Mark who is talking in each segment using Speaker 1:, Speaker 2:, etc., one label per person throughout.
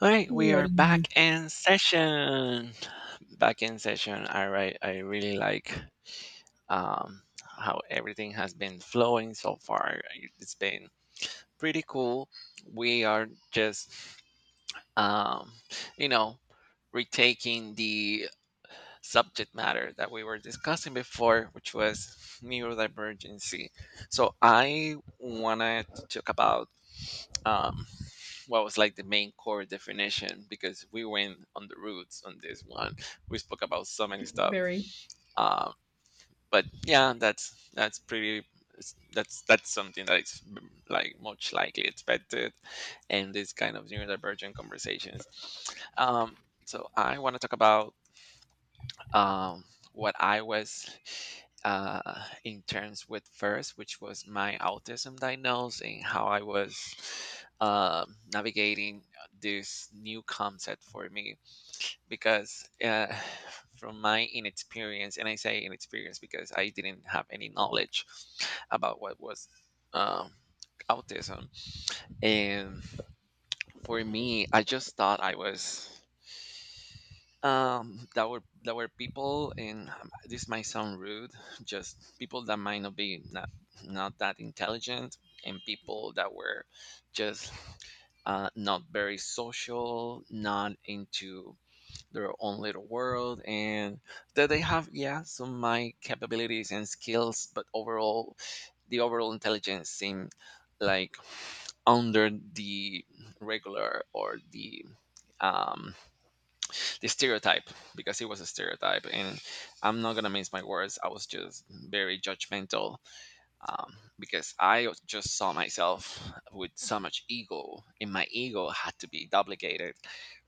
Speaker 1: All right, we are
Speaker 2: Ready.
Speaker 1: back in session. Back in session. All right, I really like um, how everything has been flowing so far. It's been pretty cool. We are just, um, you know, retaking the subject matter that we were discussing before, which was neurodivergency. So I want to talk about. Um, what was like the main core definition because we went on the roots on this one. We spoke about so many stuff.
Speaker 2: Very.
Speaker 1: Um, but yeah, that's pretty that's something that is like much likely expected in this kind of neurodivergent conversations. Um, so I want to talk about um, what I was in terms with first, which was my autism diagnosis and how I was navigating this new concept for me. Because from my inexperience, and I say inexperience because I didn't have any knowledge about what was. Um, Autism and for me I just thought I was that were people and this might sound rude just people that might not be not that intelligent and people that were just not very social not into their own little world and that they have yeah some of my capabilities and skills but overall the overall intelligence seemed like under the regular or um the stereotype because it was a stereotype, and I'm not gonna mince my words, I was just very judgmental. um, because I just saw myself with so much ego and my ego had to be duplicated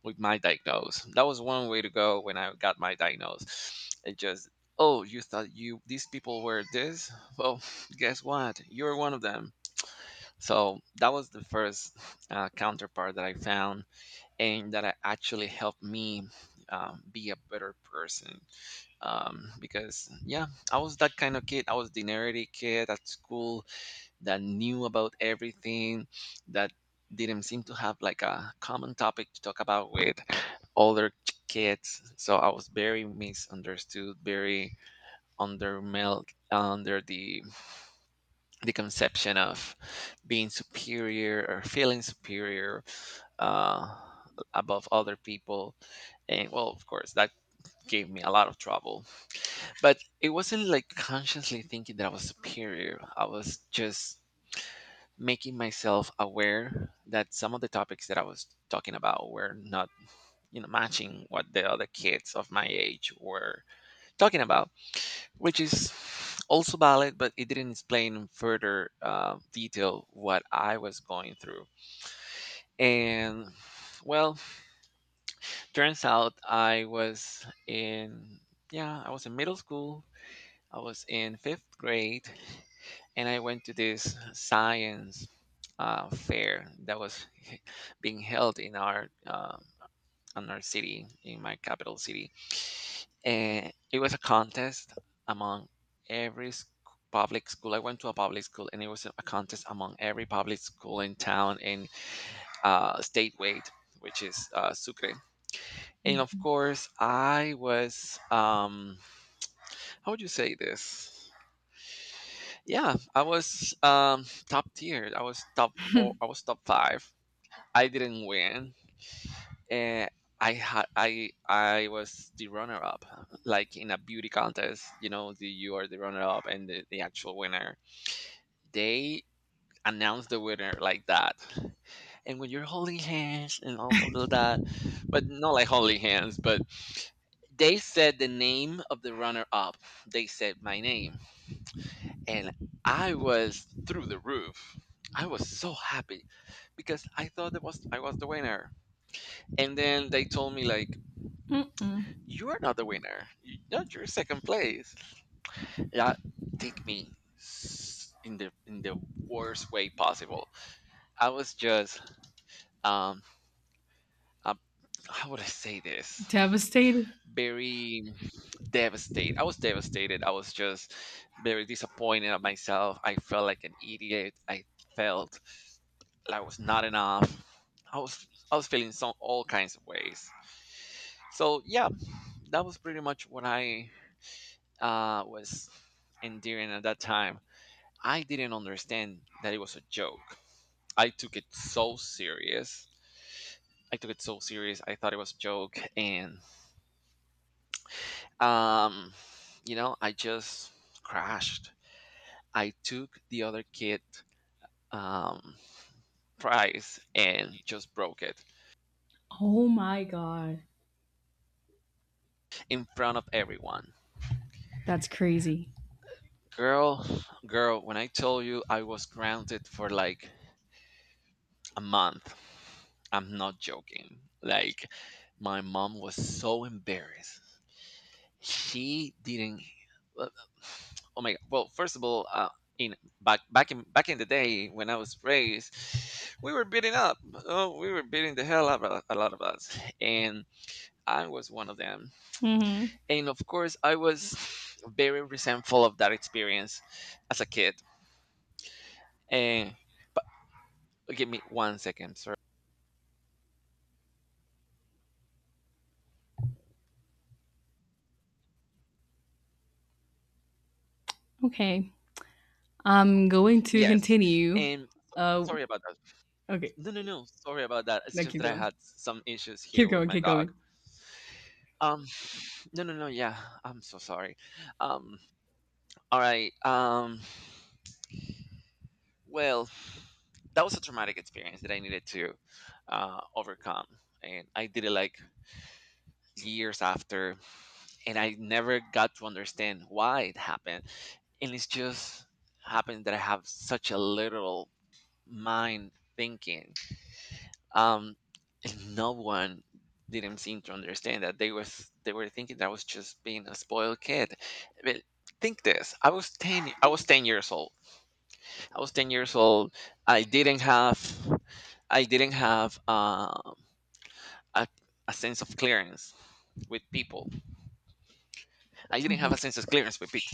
Speaker 1: with my diagnose, that was one way to go. When I got my diagnose it just, oh you thought you these people were this, well guess what, you're one of them. So that was the first counterpart that I found and that actually helped me be a better person. Because yeah, I was that kind of kid. I was the nerdy kid at school that knew about everything, that didn't seem to have like a common topic to talk about with older kids. So I was very misunderstood, very under melt under the conception of being superior or feeling superior, uh, above other people. And well, of course, that gave me a lot of trouble. But it wasn't like consciously thinking that I was superior. I was just making myself aware that some of the topics that I was talking about were not, you know, matching what the other kids of my age were talking about, which is also valid, but it didn't explain in further detail what I was going through. And well, turns out I was in yeah, I was in middle school. I was in fifth grade, and I went to this science fair that was being held in our city, in my capital city, and it was a contest among every public school. I went to a public school, and it was a contest among every public school in town in state weight, which is Sucre. And of
Speaker 2: Mhm.
Speaker 1: course I was how would you say this, yeah I was top tier, I was top four, I was top five. I didn't win. And I was the runner up, like in a beauty contest, you know, the, you are the runner up and the actual winner, they announce the winner like that. And when you're holding hands and all of that, but not like holding hands, but they said the name of the runner up. They said my name. And I was through the roof. I was so happy because I thought that was I was the winner. And then they told me like,
Speaker 2: Mm-mm.
Speaker 1: you are not the winner. No, you're second place. That take me in the worst way possible. I was just um uh, how would I say this?
Speaker 2: Devastated.
Speaker 1: Very devastated. I was devastated. I was just very disappointed at myself. I felt like an idiot. I felt like I was not enough. I was feeling some all kinds of ways. So yeah, that was pretty much what I was enduring at that time. I didn't understand that it was a joke. I took it so serious. I took it so serious. I thought it was a joke, and um you know I just crashed. I took the other kid um prize and just broke it
Speaker 2: Oh my god.
Speaker 1: in front of everyone.
Speaker 2: That's crazy.
Speaker 1: Girl, girl, when I told you I was grounded for like a month, I'm not joking. Like, my mom was so embarrassed. She didn't, well, oh my god, well first of all, in back in the day when I was raised, we were beating up, oh we were beating the hell out of a lot of us, and I was one of them.
Speaker 2: Hmm.
Speaker 1: And of course I was very resentful of that experience as a kid. And but give me 1 second, sorry.
Speaker 2: Okay. I'm going to
Speaker 1: Yes,
Speaker 2: continue.
Speaker 1: and
Speaker 2: Uh,
Speaker 1: sorry about that.
Speaker 2: okay.
Speaker 1: No no no, sorry about that, it's
Speaker 2: Now
Speaker 1: just
Speaker 2: keep
Speaker 1: that I
Speaker 2: going.
Speaker 1: had some issues here
Speaker 2: Keep
Speaker 1: with
Speaker 2: going.
Speaker 1: my
Speaker 2: Keep
Speaker 1: dog.
Speaker 2: going.
Speaker 1: um No, no, no. Yeah, I'm so sorry. Um, all right. Well, that was a traumatic experience that I needed to overcome, and I did it like years after, and I never got to understand why it happened. And it's just happened that I have such a literal mind thinking, um, and no one didn't seem to understand that they were thinking that I was just being a spoiled kid. But think this: I was ten. I was 10 years old. I was 10 years old. I didn't have. I didn't have a a sense of clearance with people. I didn't have
Speaker 2: Mhm.
Speaker 1: a sense of clearance with people.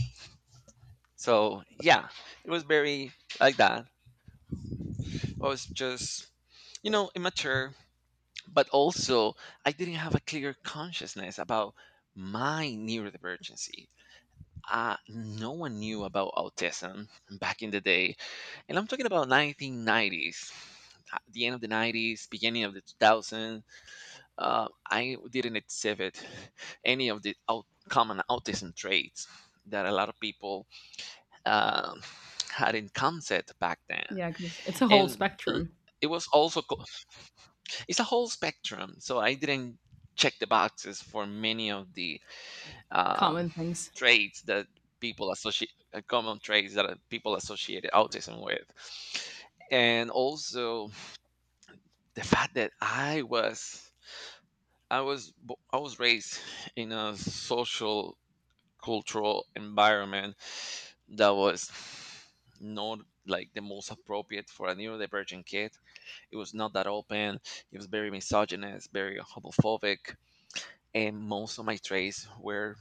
Speaker 1: So yeah, it was very like that. I was just, you know, immature, but also I didn't have a clear consciousness about my neurodivergency. No one knew about autism back in the day, and I'm talking about 1990s. At the end of the 90s, beginning of the 2000s, I didn't exhibit any of the common autism traits that a lot of people um had in concept back then.
Speaker 2: Yeah, because it's a whole
Speaker 1: And l-
Speaker 2: spectrum.
Speaker 1: it was also it's a whole spectrum. So I didn't check the boxes for many of the um,
Speaker 2: Common things.
Speaker 1: traits that people associate, common traits that people associated autism with, and also the fact that I was, I was raised in a social cultural environment that was not like the most appropriate for a neurodivergent kid. It was not that open. It was very misogynist, very homophobic, and most of my trades were,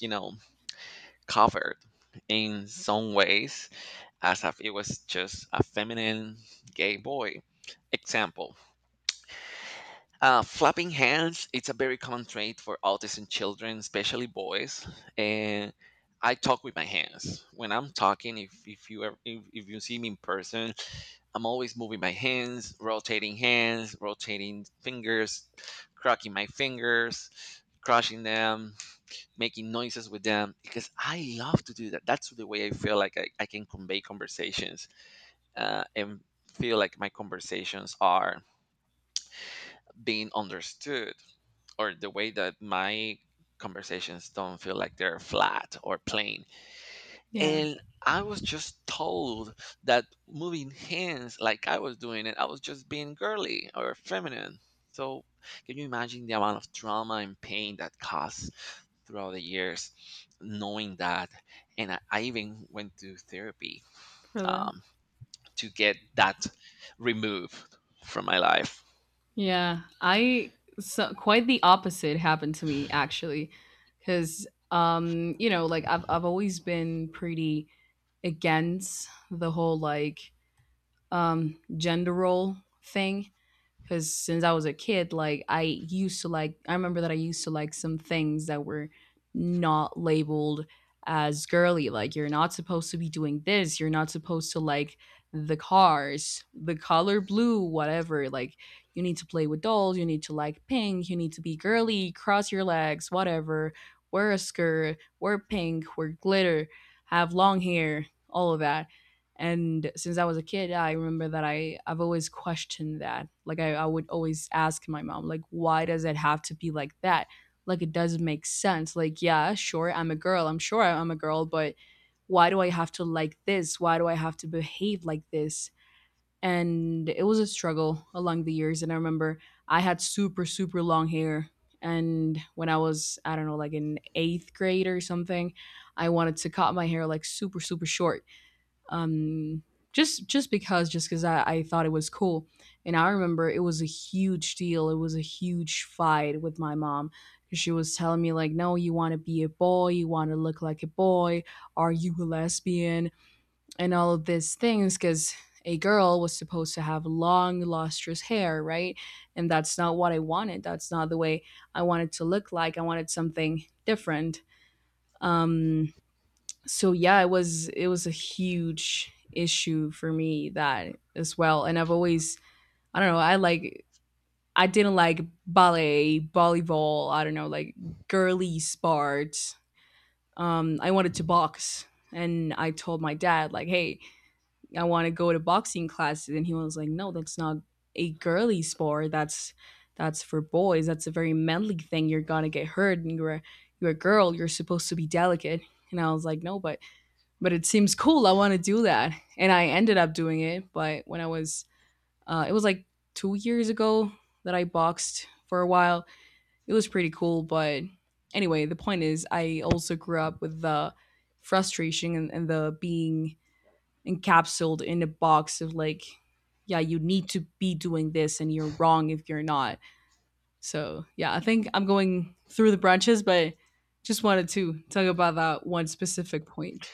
Speaker 1: you know, covered in some ways as if it was just a feminine gay boy. Example, flapping hands, it's a very common trait for autism children, especially boys. And I talk with my hands. When I'm talking, if, you, ever, if you see me in person, I'm always moving my hands, rotating fingers, cracking my fingers, crushing them, making noises with them because I love to do that. That's the way I feel like I can convey conversations and feel like my conversations are being understood or the way that my conversations don't feel like they're flat or plain,
Speaker 2: Yeah.
Speaker 1: and I was just told that moving hands like I was doing it, I was just being girly or feminine. So, can you imagine the amount of trauma and pain that caused throughout the years knowing that? And I even went to therapy
Speaker 2: For the.
Speaker 1: um, to get that removed from my life.
Speaker 2: Yeah. I. So, quite the opposite happened to me, actually. Because, you know, like I've always been pretty against the whole gender role thing, because since I was a kid, I used to like, I remember that I used to like some things that were not labeled as girly. Like, you're not supposed to be doing this. You're not supposed to like the cars, the color blue, whatever. Like, you need to play with dolls. You need to like pink. You need to be girly. Cross your legs. Whatever. Wear a skirt. Wear pink. Wear glitter. Have long hair. All of that. And since I was a kid, I remember that I've always questioned that, I would always ask my mom, like, why does it have to be like that? Like, it doesn't make sense. Like, yeah, sure, I'm a girl, I'm sure I'm a girl, but why do I have to like this? Why do I have to behave like this? And it was a struggle along the years, and I remember I had super super long hair, and when I was, I don't know, like in eighth grade or something, I wanted to cut my hair like super super short. um, just because I thought it was cool. And I remember it was a huge deal, it was a huge fight with my mom, because she was telling me like, no, you want to be a boy, you want to look like a boy, are you a lesbian? And all of these things, because a girl was supposed to have long lustrous hair, right? And that's not what I wanted, that's not the way I wanted to look like. I wanted something different. um so yeah, it was, it was a huge issue for me, that as well. And I've always, I don't know, I didn't like ballet, volleyball, I don't know, like girly sports. I wanted to box, and I told my dad like, hey, I want to go to boxing classes, and he was like, no, that's not a girly sport, that's for boys, that's a very manly thing, you're gonna get hurt, and you're a girl, you're supposed to be delicate. And I was like, no, but but it seems cool. I want to do that. And I ended up doing it. But when I was, it was like 2 years ago that I boxed for a while. It was pretty cool. But anyway, the point is, I also grew up with the frustration, and the being encapsulated in a box of like, yeah, you need to be doing this and you're wrong if you're not. So yeah, I think I'm going through the branches, but just wanted to talk about that one specific point.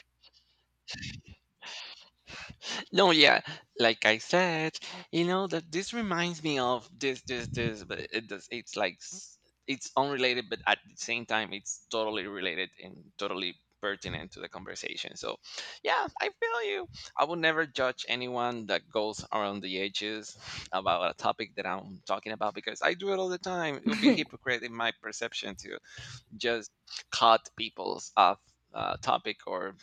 Speaker 1: No, yeah, like I said, you know that this reminds me of this, but it does. It's like it's unrelated, but at the same time, it's totally related and totally pertinent to the conversation. So, yeah, I feel you. I will never judge anyone that goes around the edges about a topic that I'm talking about because I do it all the time. It would be hypocrite in my perception to just cut people's off topic or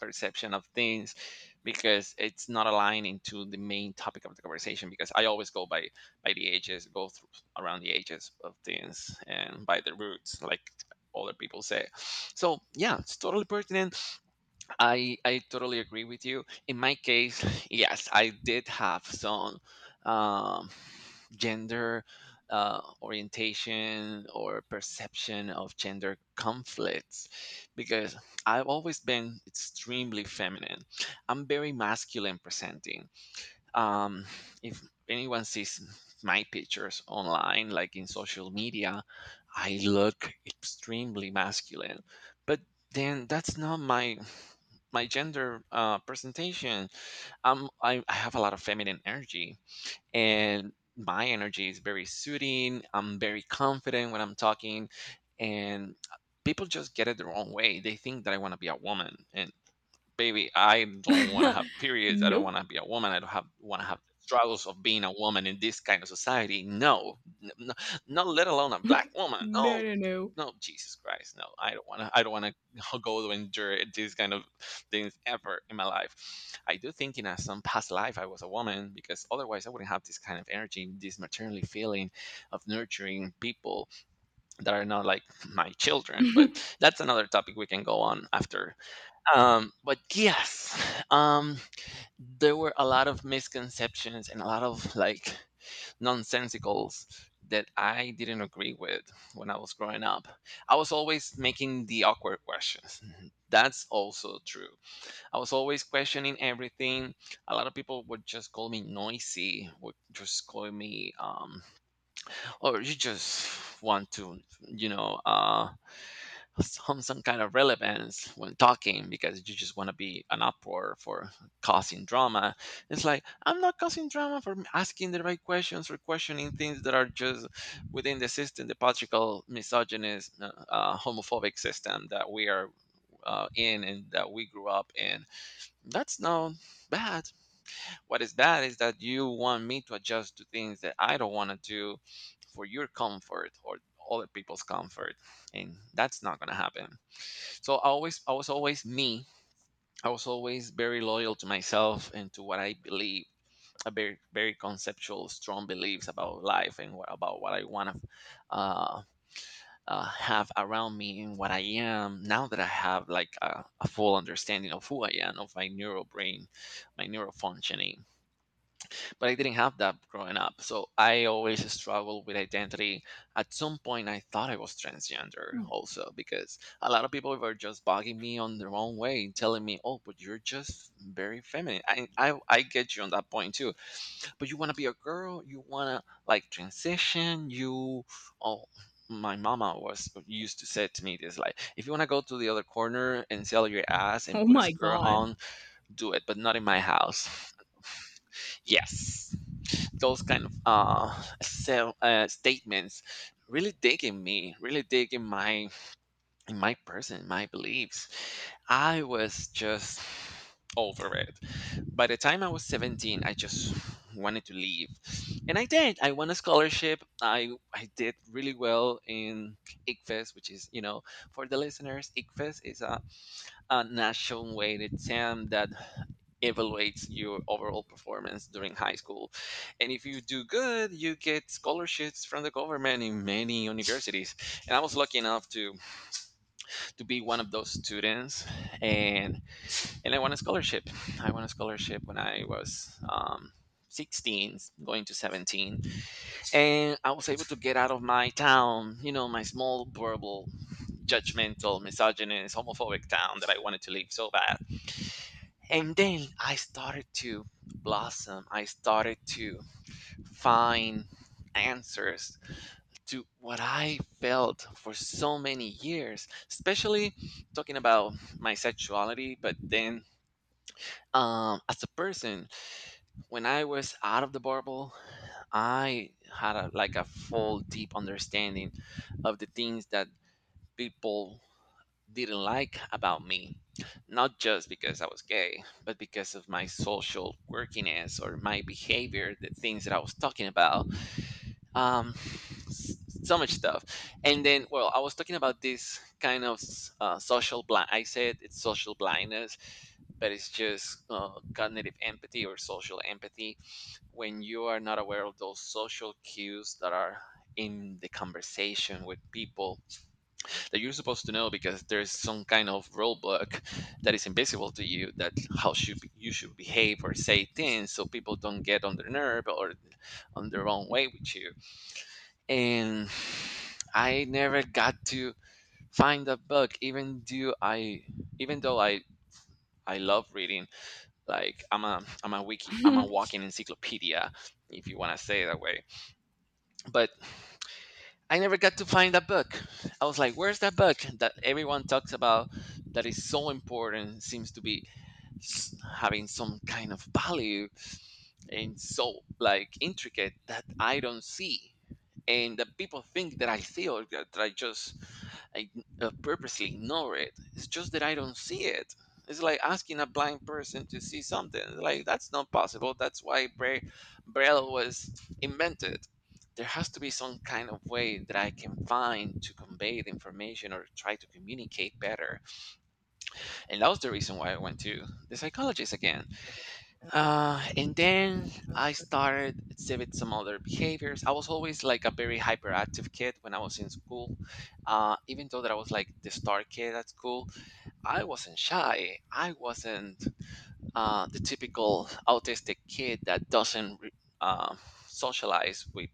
Speaker 1: perception of things because it's not aligning to the main topic of the conversation, because I always go by the ages, go through around the ages of things and by the roots, like other people say. So yeah, it's totally pertinent. I totally agree with you. In my case, yes, I did have some um, gender orientation or perception of gender conflicts because I've always been extremely feminine. I'm very masculine presenting, um, if anyone sees my pictures online, like in social media, I look extremely masculine. But then that's not my gender presentation. I have a lot of feminine energy, and my energy is very soothing. I'm very confident when I'm talking, and people just get it the wrong way. They think that I want to be a woman, and baby, I don't want to have periods. I don't
Speaker 2: Nope.
Speaker 1: want to be a woman. I don't have want to have the struggles of being a woman in this kind of society. No, not let alone a black woman.
Speaker 2: No,
Speaker 1: No,
Speaker 2: no,
Speaker 1: no, Jesus Christ, no. I don't want to. I don't want to go to endure these kind of things ever in my life. I do think in a, some past life I was a woman, because otherwise I wouldn't have this kind of energy, this maternally feeling of nurturing people that are not like my children.
Speaker 2: no.
Speaker 1: But that's another topic we can go on after. But yes, um, there were a lot of misconceptions and a lot of, like, nonsensicals that I didn't agree with when I was growing up. I was always making the awkward questions. Mm-hmm. That's also true. I was always questioning everything. A lot of people would just call me noisy, would just call me, or, "You just want to, you know, uh, some kind of relevance when talking, because you just want to be an uproar for causing drama." It's like, I'm not causing drama for asking the right questions or questioning things that are just within the system, the patriarchal, misogynist, homophobic system that we are in and that we grew up in. That's not bad. What is bad is that you want me to adjust to things that I don't want to do for your comfort or other people's comfort, and that's not going to happen. So I was always me. I was always very loyal to myself and to what I believe. A very, very conceptual, strong beliefs about life and what, about what I want to uh, have around me and what I am. Now that I have, like, a full understanding of who I am, of my neural brain, my neural functioning, but I didn't have that growing up. So I always struggled with identity. At some point, I thought I was transgender also, because a lot of people were just bugging me on the wrong way, telling me, "Oh, but you're just very feminine." I get you on that point too. But you want to be a girl. You want to, like, transition. You oh. My mama was used to say to me this, like, if you want to go to the other corner and sell your ass and
Speaker 2: Oh
Speaker 1: put a
Speaker 2: my
Speaker 1: skirt
Speaker 2: god.
Speaker 1: on, do it, but not in my house. Yes, those kind of self statements really dig in me, really dig in my person, my beliefs. I was just over it. By the time I was 17, I just wanted to leave, and I did. I won a scholarship. I did really well in ICFES, which is, for the listeners, ICFES is a national weighted exam that evaluates your overall performance during high school. And if you do good, you get scholarships from the government in many universities. And I was lucky enough to be one of those students, and I won a scholarship. I won a scholarship when I was 16, going to 17, and I was able to get out of my town, my small, verbal, judgmental, misogynist, homophobic town that I wanted to leave so bad. And then I started to blossom. I started to find answers to what I felt for so many years, especially talking about my sexuality. But then, as a person, when I was out of the bubble, I had a, like, a full, deep understanding of the things that people didn't like about me, not just because I was gay, but because of my social quirkiness or my behavior, the things that I was talking about, um, s- so much stuff. And then, well, I was talking about this kind of social blind. I said it's social blindness, but it's just cognitive empathy or social empathy, when you are not aware of those social cues that are in the conversation with people, that you're supposed to know because there's some kind of rule book that is invisible to you, that how should be- you should behave or say things so people don't get on their nerve or on their own way with you. And I never got to find that book, even though even though i I love reading. Like, I'm a wiki, I'm a walking encyclopedia, if you want to say it that way. But I never got to find that book. I was like, where's that book that everyone talks about, that is so important, seems to be having some kind of value, and so, like, intricate that I don't see, and that people think that I see or that I just I purposely ignore it. It's just that I don't see it. It's like asking a blind person to see something. Like, that's not possible. That's why Braille was invented. There has to be some kind of way that I can find to convey the information or try to communicate better. And that was the reason why I went to the psychologist again. And then I started exhibit some other behaviors. I was always like a very hyperactive kid when I was in school. Even though that I was like the star kid at school, I wasn't shy. I wasn't the typical autistic kid that doesn't uh, socialize with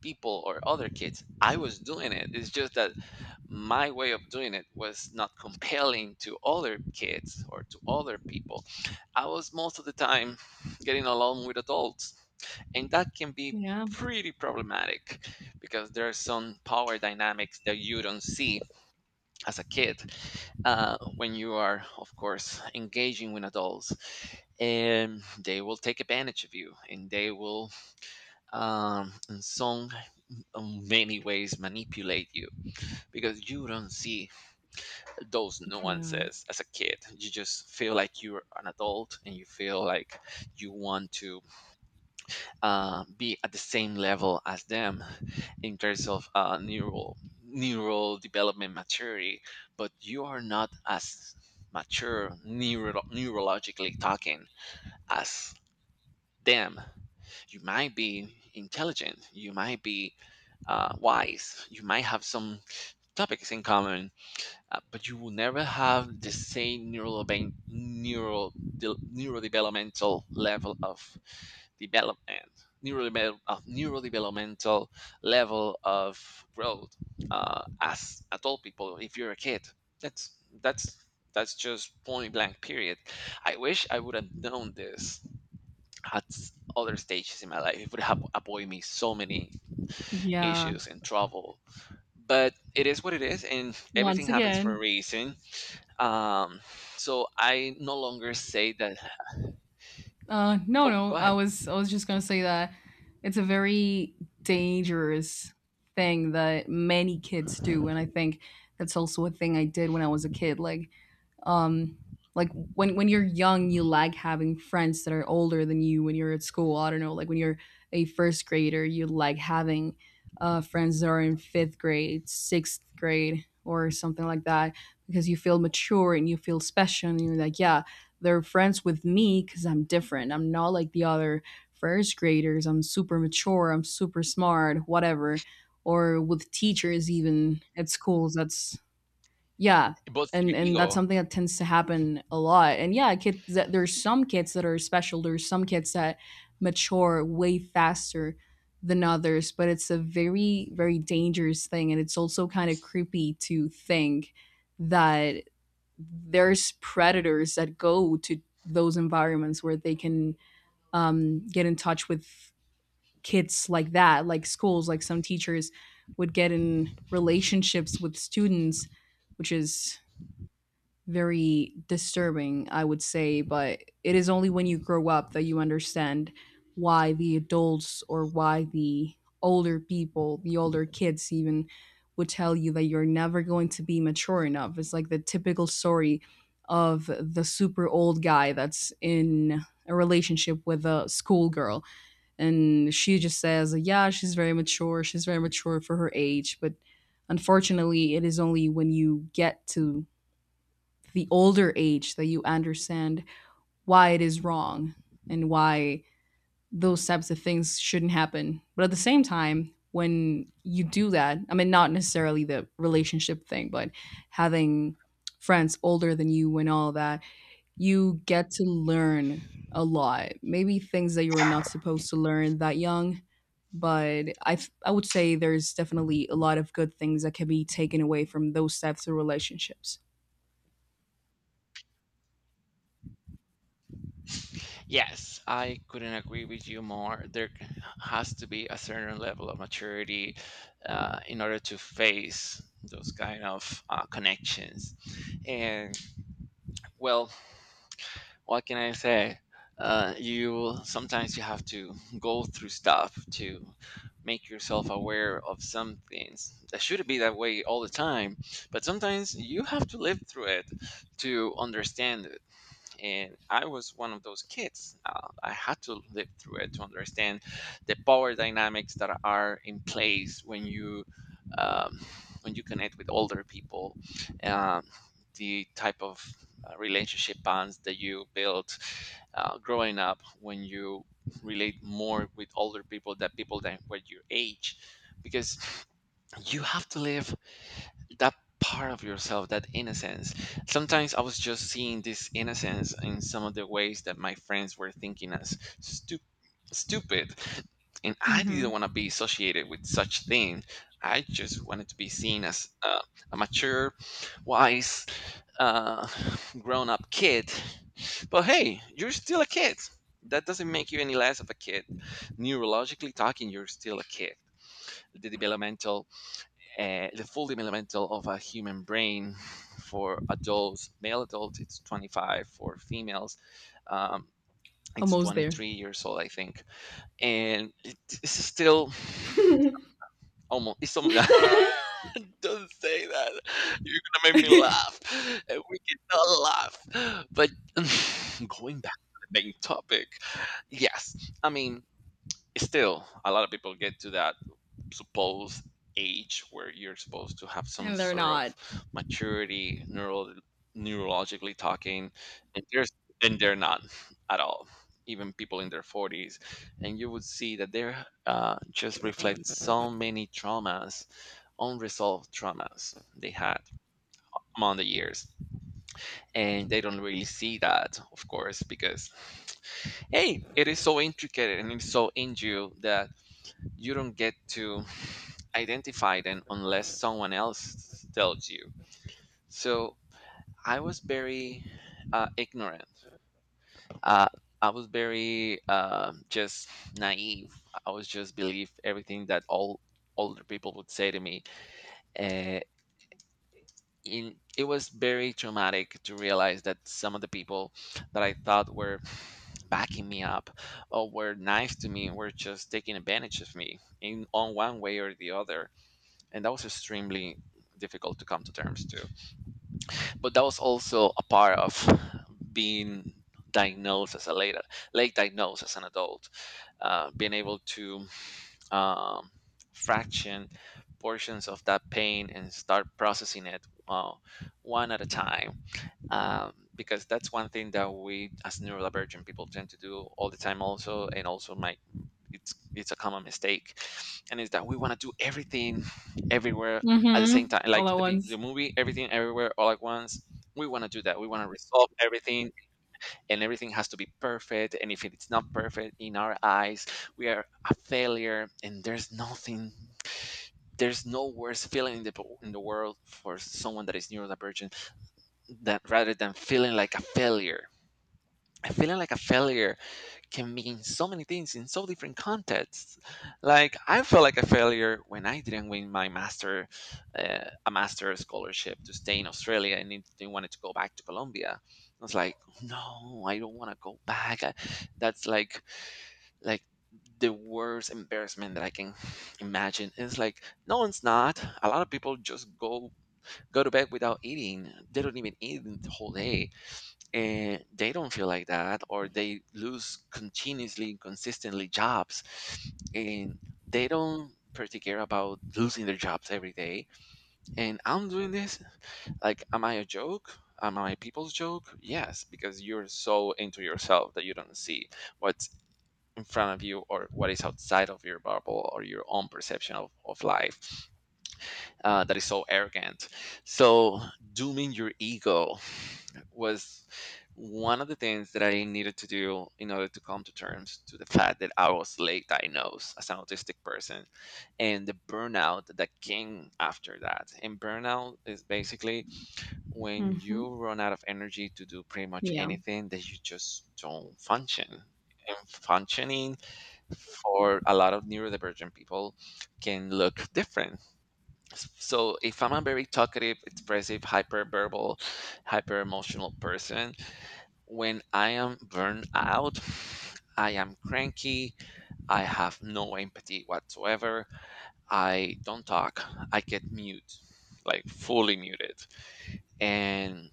Speaker 1: people or other kids. I was doing it. It's just that my way of doing it was not compelling to other kids or to other people. I was most of the time getting along with adults, and that can be
Speaker 2: Yeah.
Speaker 1: pretty problematic, because there are some power dynamics that you don't see as a kid, when you are, of course, engaging with adults. And they will take advantage of you, and they will, um, in some in many ways, manipulate you, because you don't see those
Speaker 2: Yeah.
Speaker 1: nuances as a kid. You just feel like you're an adult and you feel like you want to be at the same level as them in terms of neural development maturity, but you are not as mature, neurologically talking, as them. You might be intelligent. You might be wise. You might have some topics in common, but you will never have the same neural neurodevelopmental level of development, neurodevelopmental level of growth, as adult people if you're a kid. That's that's that's just point blank period. I wish I would have known this at other stages in my life. It would have avoided me so many
Speaker 2: Yeah.
Speaker 1: issues and trouble, but it is what it is and everything
Speaker 2: Once
Speaker 1: happens for a
Speaker 2: again.
Speaker 1: reason. um, so I no longer say that.
Speaker 2: No,
Speaker 1: Oh,
Speaker 2: no.
Speaker 1: go ahead.
Speaker 2: I was just gonna say that it's a very dangerous thing that many kids do, and I think that's also a thing I did when I was a kid. Um like when you're young, you like having friends that are older than you when you're at school. I don't know, like when you're a first grader, you like having friends that are in fifth grade, sixth grade, or something like that, because you feel mature and you feel special, and you're like, yeah, they're friends with me because I'm different, I'm not like the other first graders, I'm super mature, I'm super smart, whatever. Or with teachers, even, at schools. That's, yeah.
Speaker 1: It boosts your
Speaker 2: And that's
Speaker 1: ego.
Speaker 2: something that tends to happen a lot. And yeah, kids that, there's some kids that are special there's some kids that mature way faster than others. But it's a very very dangerous thing, and it's also kind of creepy to think that there's predators that go to those environments where they can, get in touch with kids like that, like schools, like some teachers would get in relationships with students, which is very disturbing, I would say. But it is only when you grow up that you understand why the adults, or why the older people, the older kids even, would tell you that you're never going to be mature enough. It's like the typical story of the super old guy that's in a relationship with a schoolgirl, and she just says, yeah, she's very mature, she's very mature for her age. But unfortunately, it is only when you get to the older age that you understand why it is wrong and why those types of things shouldn't happen. But at the same time, when you do that, I mean, not necessarily the relationship thing, but having friends older than you and all that, you get to learn a lot. Maybe things that you were not supposed to learn that young. But I would say there's definitely a lot of good things that can be taken away from those types of relationships.
Speaker 1: Yes, I couldn't agree with you more. There has to be a certain level of maturity in order to face those kind of connections. And, well, what can I say? You sometimes you have to go through stuff to make yourself aware of some things. That shouldn't be that way all the time, but sometimes you have to live through it to understand, and I was one of those kids. I had to live through it to understand the power dynamics that are in place um, when you connect with older people, um, the type of relationship bonds that you built growing up, when you relate more with older people than people that were your age, because you have to live that part of yourself, that innocence. Sometimes I was just seeing this innocence in some of the ways that my friends were thinking as stupid. And I didn't want to be associated with such thing. I just wanted to be seen as a mature, wise, uh, grown-up kid. But hey, you're still a kid. That doesn't make you any less of a kid. Neurologically talking, you're still a kid. The developmental the full developmental of a human brain for adults, male adults, it's 25. For females, um, it's
Speaker 2: Almost there.
Speaker 1: 23 years old, I think. And it, it's still almost, it's almost, don't say that. You're gonna make me laugh. And we cannot laugh. But going back to the main topic, yes, I mean, still, a lot of people get to that supposed age where you're supposed to have some
Speaker 2: And they're
Speaker 1: sort
Speaker 2: not.
Speaker 1: of maturity neural neurologically talking and there's and they're not at all, even people in their 40s, and you would see that they're just reflect so many traumas, unresolved traumas they had among the years, and they don't really see that, of course, because hey, it is so intricate and it's so in you that you don't get to identify them unless someone else tells you. So I was very ignorant. Uh, I was very just naive. I was just believe everything that all older people would say to me. Uh, it was very traumatic to realize that some of the people that I thought were backing me up or were nice to me were just taking advantage of me in on one way or the other, and that was extremely difficult to come to terms to. But that was also a part of being diagnosed as a later late diagnosed as an adult, being able to um, fraction portions of that pain and start processing it, uh, one at a time, because that's one thing that we as neurodivergent people tend to do all the time. Also and also my, it's a common mistake, and is that we want to do everything everywhere at the same
Speaker 2: Mhm.
Speaker 1: time,
Speaker 2: All
Speaker 1: like
Speaker 2: at
Speaker 1: the, the
Speaker 2: once.
Speaker 1: movie Everything Everywhere All at Once. We want to do that, we want to resolve everything, and everything has to be perfect, and if it's not perfect in our eyes, we are a failure, and there's no worse feeling in the, in the world for someone that is neurodivergent that rather than feeling like a failure. And feeling like a failure can mean so many things in so different contexts. Like, I felt like a failure when I didn't win my master, a master scholarship to stay in Australia, and they wanted to go back to Colombia. I was like, no, I don't want to go back. That's like, like the worst embarrassment that I can imagine. It's like, no, it's not. A lot of people just go to bed without eating. They don't even eat the whole day, and they don't feel like that. Or they lose continuously and consistently jobs, and they don't particular about losing their jobs every day. And I'm doing this like, am I a joke? Am I people's joke? Yes, because you're so into yourself that you don't see what's in front of you, or what is outside of your bubble or your own perception of life, that is so arrogant. So dooming your ego was one of the things that I needed to do in order to come to terms to the fact that I was late diagnosed as an autistic person, and the burnout that came after that. And burnout is basically when
Speaker 2: Mhm.
Speaker 1: you run out of energy to do pretty much
Speaker 2: Yeah.
Speaker 1: anything, that you just don't function. And functioning for a lot of neurodivergent people can look different. So if I'm a very talkative, expressive, hyperverbal, hyper emotional person, when I am burned out, I am cranky, I have no empathy whatsoever, I don't talk, I get mute, like fully muted. And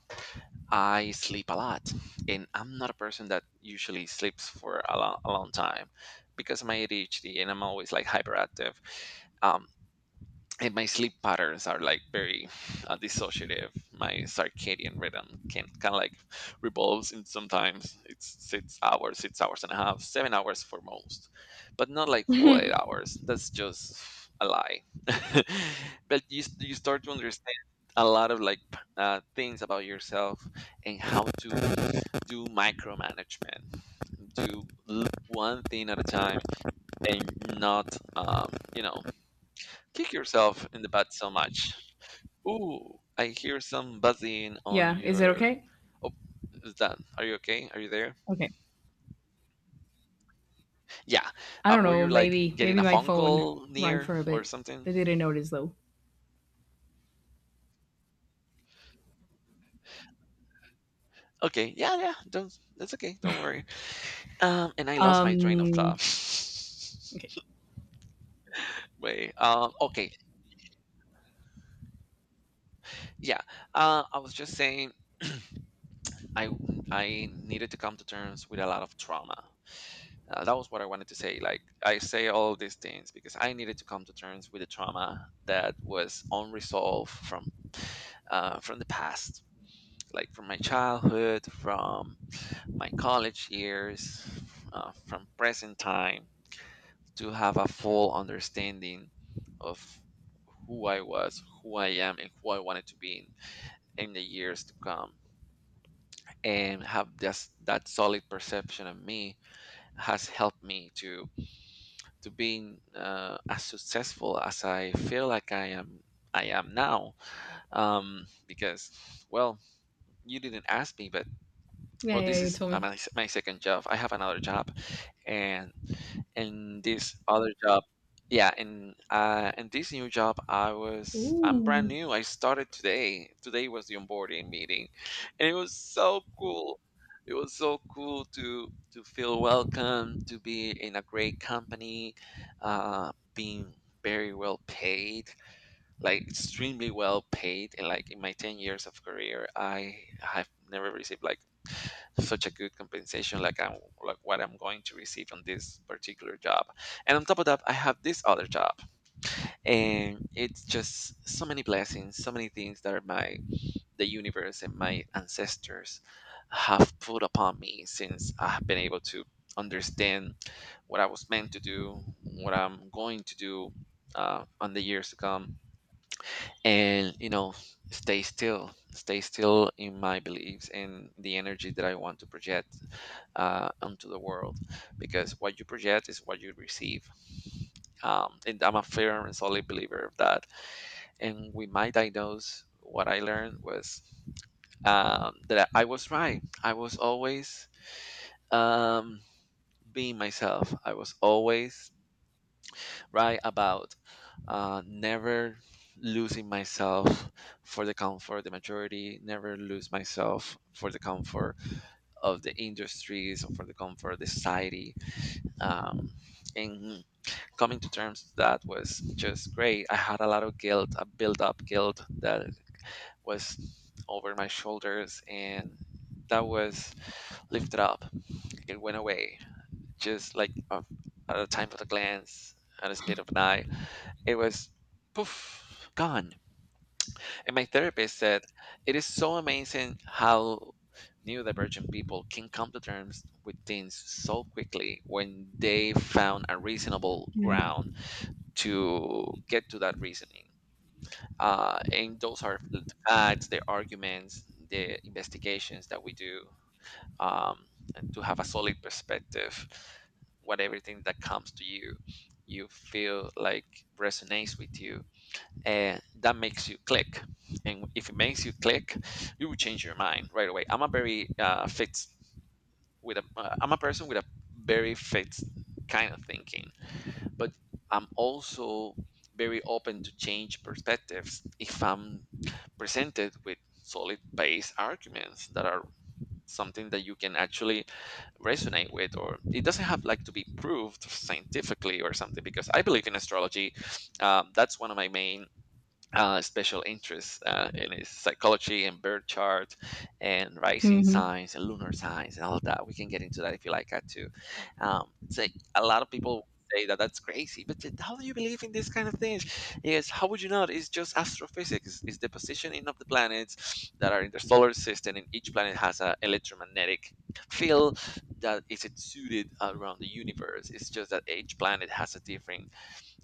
Speaker 1: I sleep a lot. And I'm not a person that usually sleeps for a long time, because of my ADHD, and I'm always like hyperactive. Um, and my sleep patterns are like very dissociative. My circadian rhythm can kind of like revolves, and sometimes it's 6 hours, 6 hours and a half, 7 hours for most, but not like full eight hours. That's just a lie. But you start to understand a lot of like things about yourself, and how to do micromanagement, do one thing at a time, and not kick yourself in the butt so much. Ooh, I hear some buzzing on
Speaker 2: Yeah. Is it
Speaker 1: your.
Speaker 2: okay?
Speaker 1: Oh, is that? Are you okay? Are you there?
Speaker 2: Okay.
Speaker 1: Yeah.
Speaker 2: I don't
Speaker 1: Were
Speaker 2: know.
Speaker 1: you like getting
Speaker 2: Maybe
Speaker 1: a
Speaker 2: my
Speaker 1: phone
Speaker 2: phone
Speaker 1: call
Speaker 2: rang
Speaker 1: near
Speaker 2: for a
Speaker 1: or
Speaker 2: bit.
Speaker 1: something?
Speaker 2: They didn't notice though.
Speaker 1: Okay. Yeah, yeah. Don't. That's okay. Don't worry. And I lost my train of thought.
Speaker 2: Um. Okay.
Speaker 1: Wait. Okay. Yeah. I was just saying I I needed to come to terms with a lot of trauma. That was what I wanted to say. Like, I say all these things because I needed to come to terms with the trauma that was unresolved from the past, like from my childhood, from my college years, from present time, to have a full understanding of who I was, who I am, and who I wanted to be in the years to come. And have this that solid perception of me has helped me to being as successful as I feel like I am now, because well, you didn't ask me, but
Speaker 2: Yeah.
Speaker 1: well,
Speaker 2: Yeah.
Speaker 1: this
Speaker 2: You
Speaker 1: is
Speaker 2: told me.
Speaker 1: my second job. I have another job, and in this other job, yeah. And in this new job, I'm brand
Speaker 2: Ooh.
Speaker 1: new. I started today. Today was the onboarding meeting, and it was so cool. It was so cool to feel welcome, to be in a great company, being very well paid, like extremely well paid. And like in my 10 years of career, I have never received like such a good compensation, like I'm like what I'm going to receive on this particular job. And on top of that, I have this other job. And it's just so many blessings, so many things that are my the universe and my ancestors have put upon me since I've been able to understand what I was meant to do, what I'm going to do on the years to come. And you know, stay still in my beliefs and the energy that I want to project onto the world, because what you project is what you receive. And I'm a firm and solid believer of that. And with my diagnose, what I learned was, that I was right. I was always um, being myself. I was always right about never losing myself for the comfort the majority, never lose myself for the comfort of the industries or for the comfort of the society. um, and coming to terms with that was just great. I had a lot of guilt, a built up guilt that was over my shoulders, and that was lifted up. It went away just like at a time of a glance, at a speed of an eye. It was poof, gone. And my therapist said, it is so amazing how neurodivergent people can come to terms with things so quickly when they found a reasonable
Speaker 2: Yeah.
Speaker 1: ground to get to that reasoning. And those are the facts, the arguments, the investigations that we do, um, and to have a solid perspective. What everything that comes to you, you feel like resonates with you, that makes you click. And if it makes you click, you will change your mind right away. I'm a very fixed with a I'm a person with a very fixed kind of thinking. But I'm also very open to change perspectives if I'm presented with solid base arguments, that are something that you can actually resonate with, or it doesn't have like to be proved scientifically or something. Because I believe in astrology. That's one of my main special interests, in his psychology and birth chart, and rising
Speaker 2: Mhm.
Speaker 1: signs and lunar signs and all of that. We can get into that if you like that too. It's like a lot of people say that that's crazy, but then how do you believe in this kind of things? Yes, how would you not? It's just astrophysics. It's the positioning of the planets that are in the solar system, and each planet has an electromagnetic field that is exuded around the universe. It's just that each planet has a different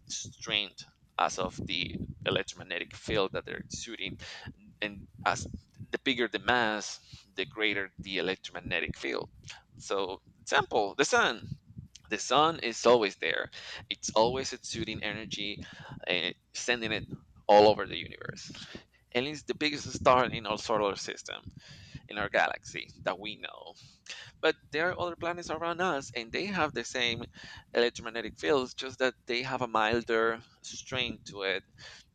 Speaker 1: strength as of the electromagnetic field that they're exuding. And as the bigger the mass, the greater the electromagnetic field. So example, the sun. The sun is always there. It's always exuding energy and sending it all over the universe. And it's the biggest star in our solar system, in our galaxy that we know. But there are other planets around us, and they have the same electromagnetic fields, just that they have a milder strain to it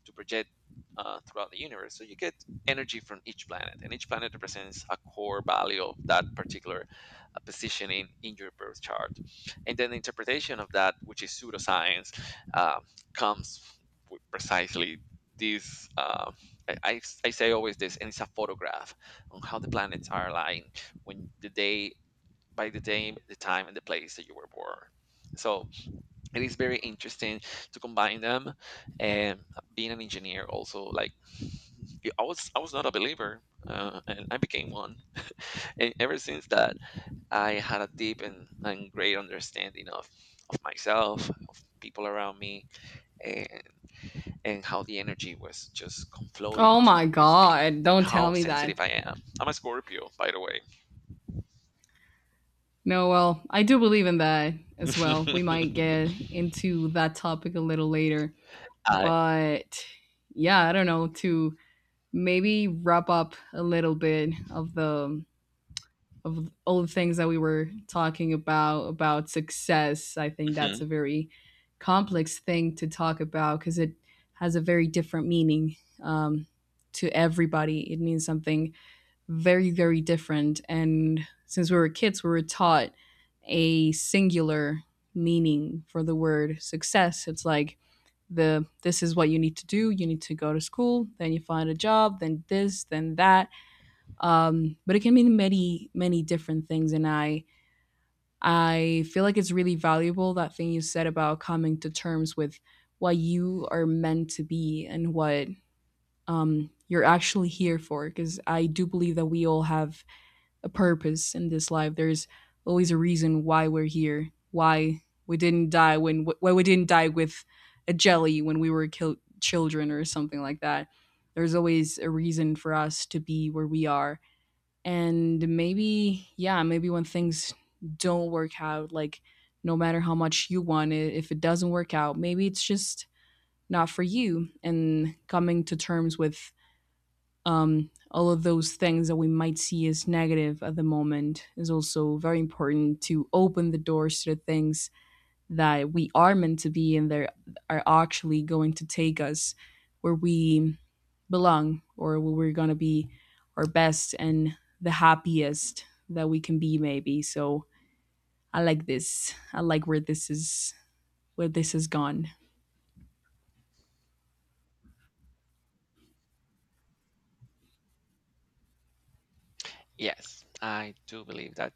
Speaker 1: to project throughout the universe. So you get energy from each planet, and each planet represents a core value of that particular position in your birth chart. And then the interpretation of that, which is pseudoscience, uh, comes with precisely this. I say always this, and it's a photograph on how the planets are aligned when the day by the day, the time, and the place that you were born. So it is very interesting to combine them. And being an engineer, also, like I was not a believer, and I became one. And ever since that, I had a deep and great understanding of myself, of people around me, and and how the energy was just come
Speaker 2: Oh my
Speaker 1: with me,
Speaker 2: god!
Speaker 1: and
Speaker 2: Don't tell
Speaker 1: how
Speaker 2: me that.
Speaker 1: sensitive I am. I'm a Scorpio, by the way.
Speaker 2: No. Well, I do believe in that as well. We might get into that topic a little later,
Speaker 1: I
Speaker 2: but yeah, I don't know. To maybe wrap up a little bit of the of all the things that we were talking about success, I think that's a very complex thing to talk about, because it has a very different meaning. um, to everybody it means something very very different. And since we were kids, we were taught a singular meaning for the word success. It's like the, this is what you need to do, you need to go to school, then you find a job, then this, then that. But it can mean many many different things. And I feel like it's really valuable, that thing you said about coming to terms with what you are meant to be and what, you're actually here for. Because I do believe that we all have a purpose in this life. There's always a reason why we're here, why we didn't die with a jelly when we were children or something like that. There's always a reason for us to be where we are. And maybe, yeah, maybe when things don't work out, like, no matter how much you want it, if it doesn't work out, maybe it's just not for you. And coming to terms with, all of those things that we might see as negative at the moment is also very important to open the doors to the things that we are meant to be, and they are actually going to take us where we belong, or where we're going to be our best and the happiest that we can be, maybe. So I like this, I like where this is, where this has gone.
Speaker 1: Yes, I do believe that